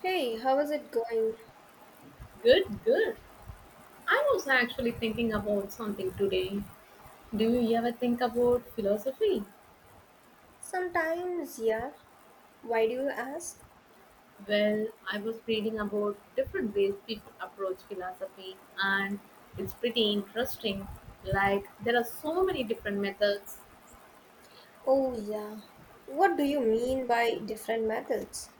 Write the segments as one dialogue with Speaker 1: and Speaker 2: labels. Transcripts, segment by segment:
Speaker 1: Hey, how is it going?
Speaker 2: Good, good. I was actually thinking about something today. Do you ever think about philosophy?
Speaker 1: Sometimes, yeah. Why do you ask?
Speaker 2: Well, I was reading about different ways people approach philosophy, and it's pretty interesting. Like, there are so many different methods.
Speaker 1: Oh, yeah. What do you mean by different methods?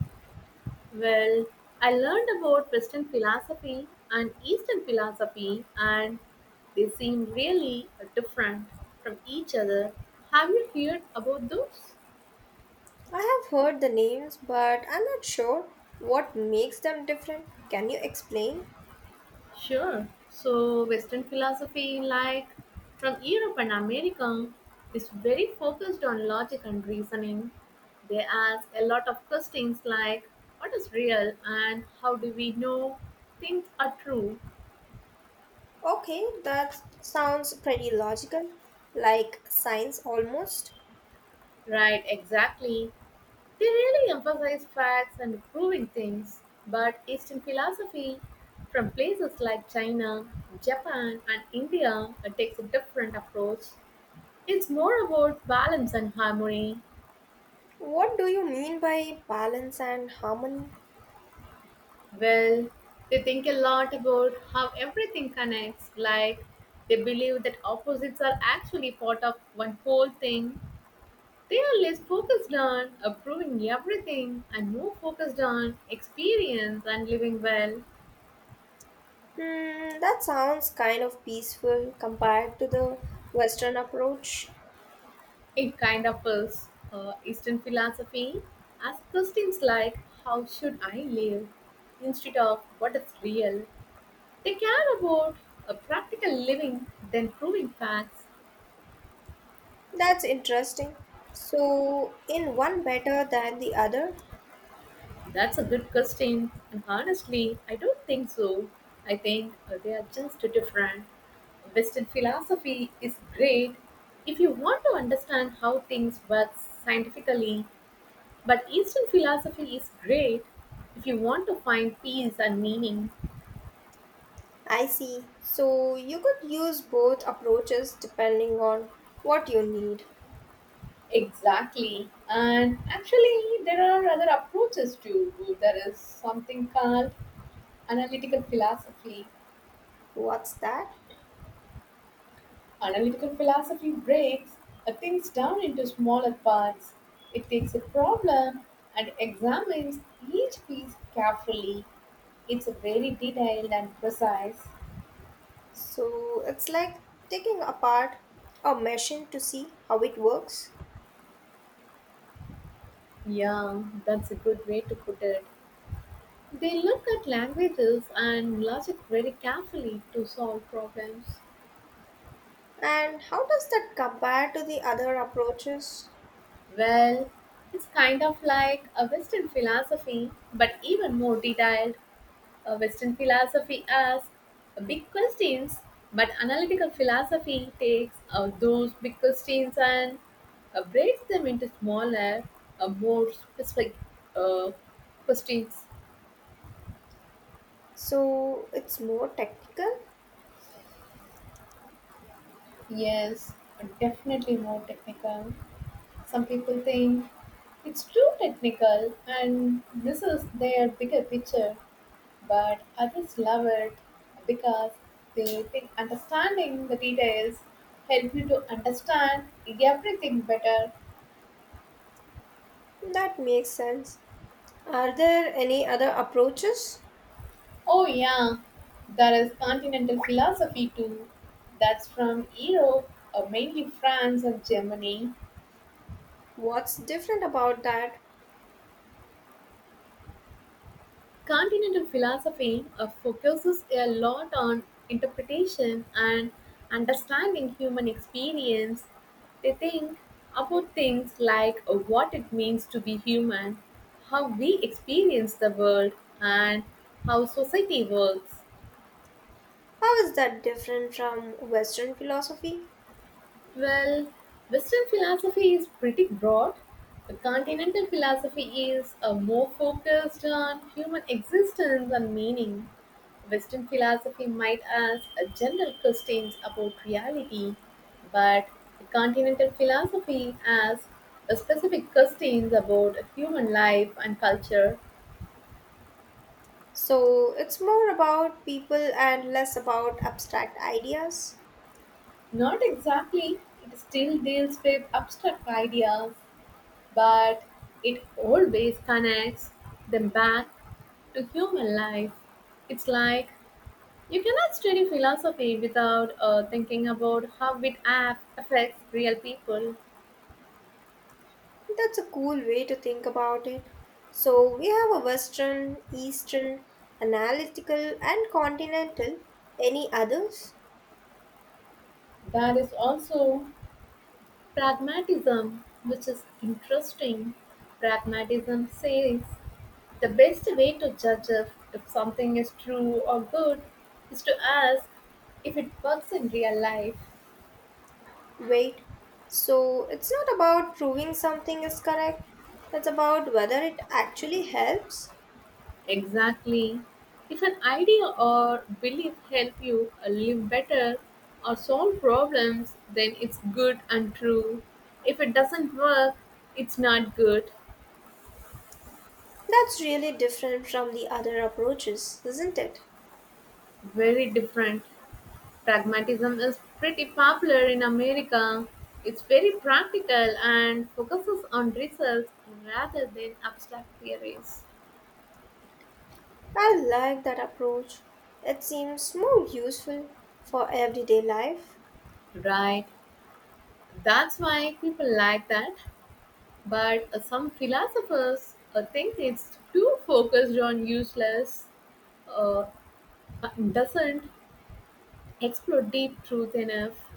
Speaker 2: Well, I learned about Western philosophy and Eastern philosophy, and they seem really different from each other. Have you heard about those?
Speaker 1: I have heard the names, but I'm not sure what makes them different. Can you explain?
Speaker 2: Sure. So Western philosophy, like from Europe and America, is very focused on logic and reasoning. They ask a lot of questions like what is real and how do we know things are true?
Speaker 1: Okay, that sounds pretty logical, like science almost.
Speaker 2: Right, exactly. They really emphasize facts and proving things. But Eastern philosophy from places like China, Japan, and India takes a different approach. It's more about balance and harmony.
Speaker 1: What do you mean by balance and harmony?
Speaker 2: Well, they think a lot about how everything connects, like they believe that opposites are actually part of one whole thing. They are less focused on approving everything and more focused on experience and living well.
Speaker 1: Hmm, that sounds kind of peaceful compared to the Western approach.
Speaker 2: It kind of is. Eastern philosophy asks questions like, how should I live? Instead of what is real. They care about a practical living than proving facts.
Speaker 1: That's interesting. So, in one better than the other?
Speaker 2: That's a good question. And honestly, I don't think so. I think they are just different. Western philosophy is great if you want to understand how things work scientifically, but Eastern philosophy is great if you want to find peace and meaning.
Speaker 1: I see. So, you could use both approaches depending on what you need.
Speaker 2: Exactly. And actually, there are other approaches too. There is something called analytical philosophy.
Speaker 1: What's that?
Speaker 2: Analytical philosophy breaks things down into smaller parts. It takes a problem and examines each piece carefully. It's very detailed and precise.
Speaker 1: So, it's like taking apart a machine to see how it works.
Speaker 2: Yeah, that's a good way to put it. They look at languages and logic very carefully to solve problems.
Speaker 1: And how does that compare to the other approaches?
Speaker 2: Well, it's kind of like a Western philosophy, but even more detailed. Western philosophy asks big questions, but analytical philosophy takes those big questions and breaks them into smaller, more specific uh, questions.
Speaker 1: So, it's more technical?
Speaker 2: Yes, definitely more technical. Some people think it's too technical and this is their bigger picture, but others love it because they think understanding the details help you to understand everything better.
Speaker 1: That makes sense. Are there any other approaches?
Speaker 2: Oh yeah, there is continental philosophy too. That's from Europe, mainly France and Germany.
Speaker 1: What's different about that?
Speaker 2: Continental philosophy focuses a lot on interpretation and understanding human experience. They think about things like what it means to be human, how we experience the world, and how society works.
Speaker 1: How is that different from Western philosophy?
Speaker 2: Well, Western philosophy is pretty broad. The continental philosophy is more focused on human existence and meaning. Western philosophy might ask general questions about reality, but the continental philosophy asks specific questions about human life and culture.
Speaker 1: So it's more about people and less about abstract ideas.
Speaker 2: Not exactly, it still deals with abstract ideas, but it always connects them back to human life. It's like you cannot study philosophy without thinking about how it affects real people.
Speaker 1: That's a cool way to think about it. So we have a Western, Eastern, analytical, and continental. Any others?
Speaker 2: There is also pragmatism, which is interesting. Pragmatism says the best way to judge if something is true or good is to ask if it works in real life.
Speaker 1: Wait. So it's not about proving something is correct, it's about whether it actually helps.
Speaker 2: Exactly. If an idea or belief help you live better or solve problems, then it's good and true. If it doesn't work, it's not good.
Speaker 1: That's really different from the other approaches, isn't it?
Speaker 2: Very different. Pragmatism is pretty popular in America. It's very practical and focuses on results rather than abstract theories.
Speaker 1: I like that approach. It seems more useful for everyday life.
Speaker 2: Right. That's why people like that. But some philosophers think it's too focused on useless, uh, doesn't explore deep truth enough.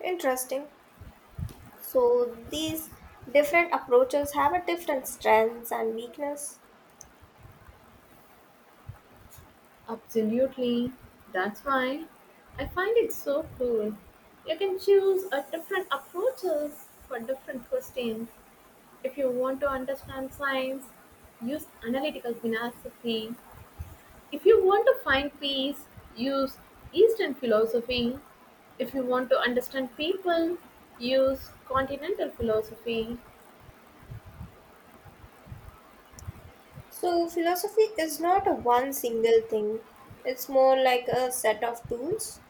Speaker 1: Interesting. So these different approaches have a different strengths and weakness.
Speaker 2: Absolutely. That's why I find it so cool. You can choose a different approaches for different questions. If you want to understand science, use analytical philosophy. If you want to find peace, use Eastern philosophy. If you want to understand people, use continental philosophy.
Speaker 1: So philosophy is not a one single thing. It's more like a set of tools.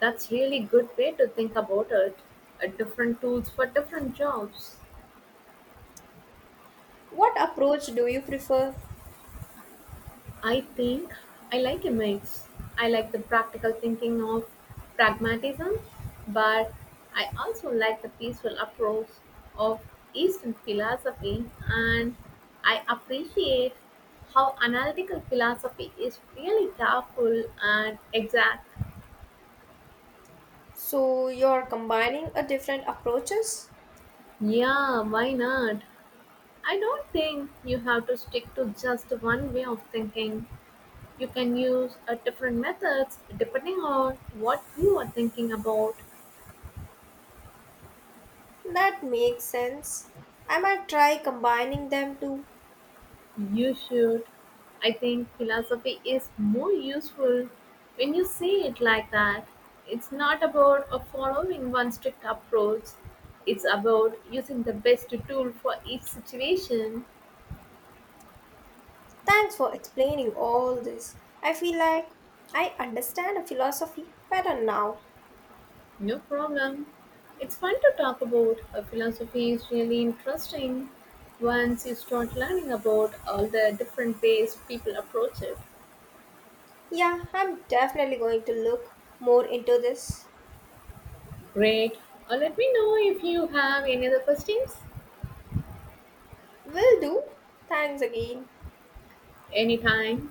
Speaker 2: That's really good way to think about it. Different tools for different jobs.
Speaker 1: What approach do you prefer?
Speaker 2: I think I like a mix. I like the practical thinking of pragmatism, but I also like the peaceful approach of Eastern philosophy, and I appreciate how analytical philosophy is really careful and exact.
Speaker 1: So you're combining a different approaches?
Speaker 2: Yeah, why not? I don't think you have to stick to just one way of thinking. You can use different methods depending on what you are thinking about.
Speaker 1: That makes sense. I might try combining them too.
Speaker 2: You should. I think philosophy is more useful when you say it like that. It's not about following one strict approach, it's about using the best tool for each situation.
Speaker 1: Thanks for explaining all this. I feel like I understand the philosophy better now.
Speaker 2: No problem. It's fun to talk about. Philosophy is really interesting once you start learning about all the different ways people approach it.
Speaker 1: Yeah, I'm definitely going to look more into this.
Speaker 2: Great. Let me know if you have any other questions.
Speaker 1: Will do. Thanks again.
Speaker 2: Anytime.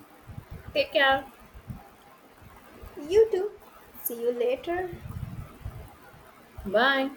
Speaker 2: Take care.
Speaker 1: You too. See you later.
Speaker 2: Bye.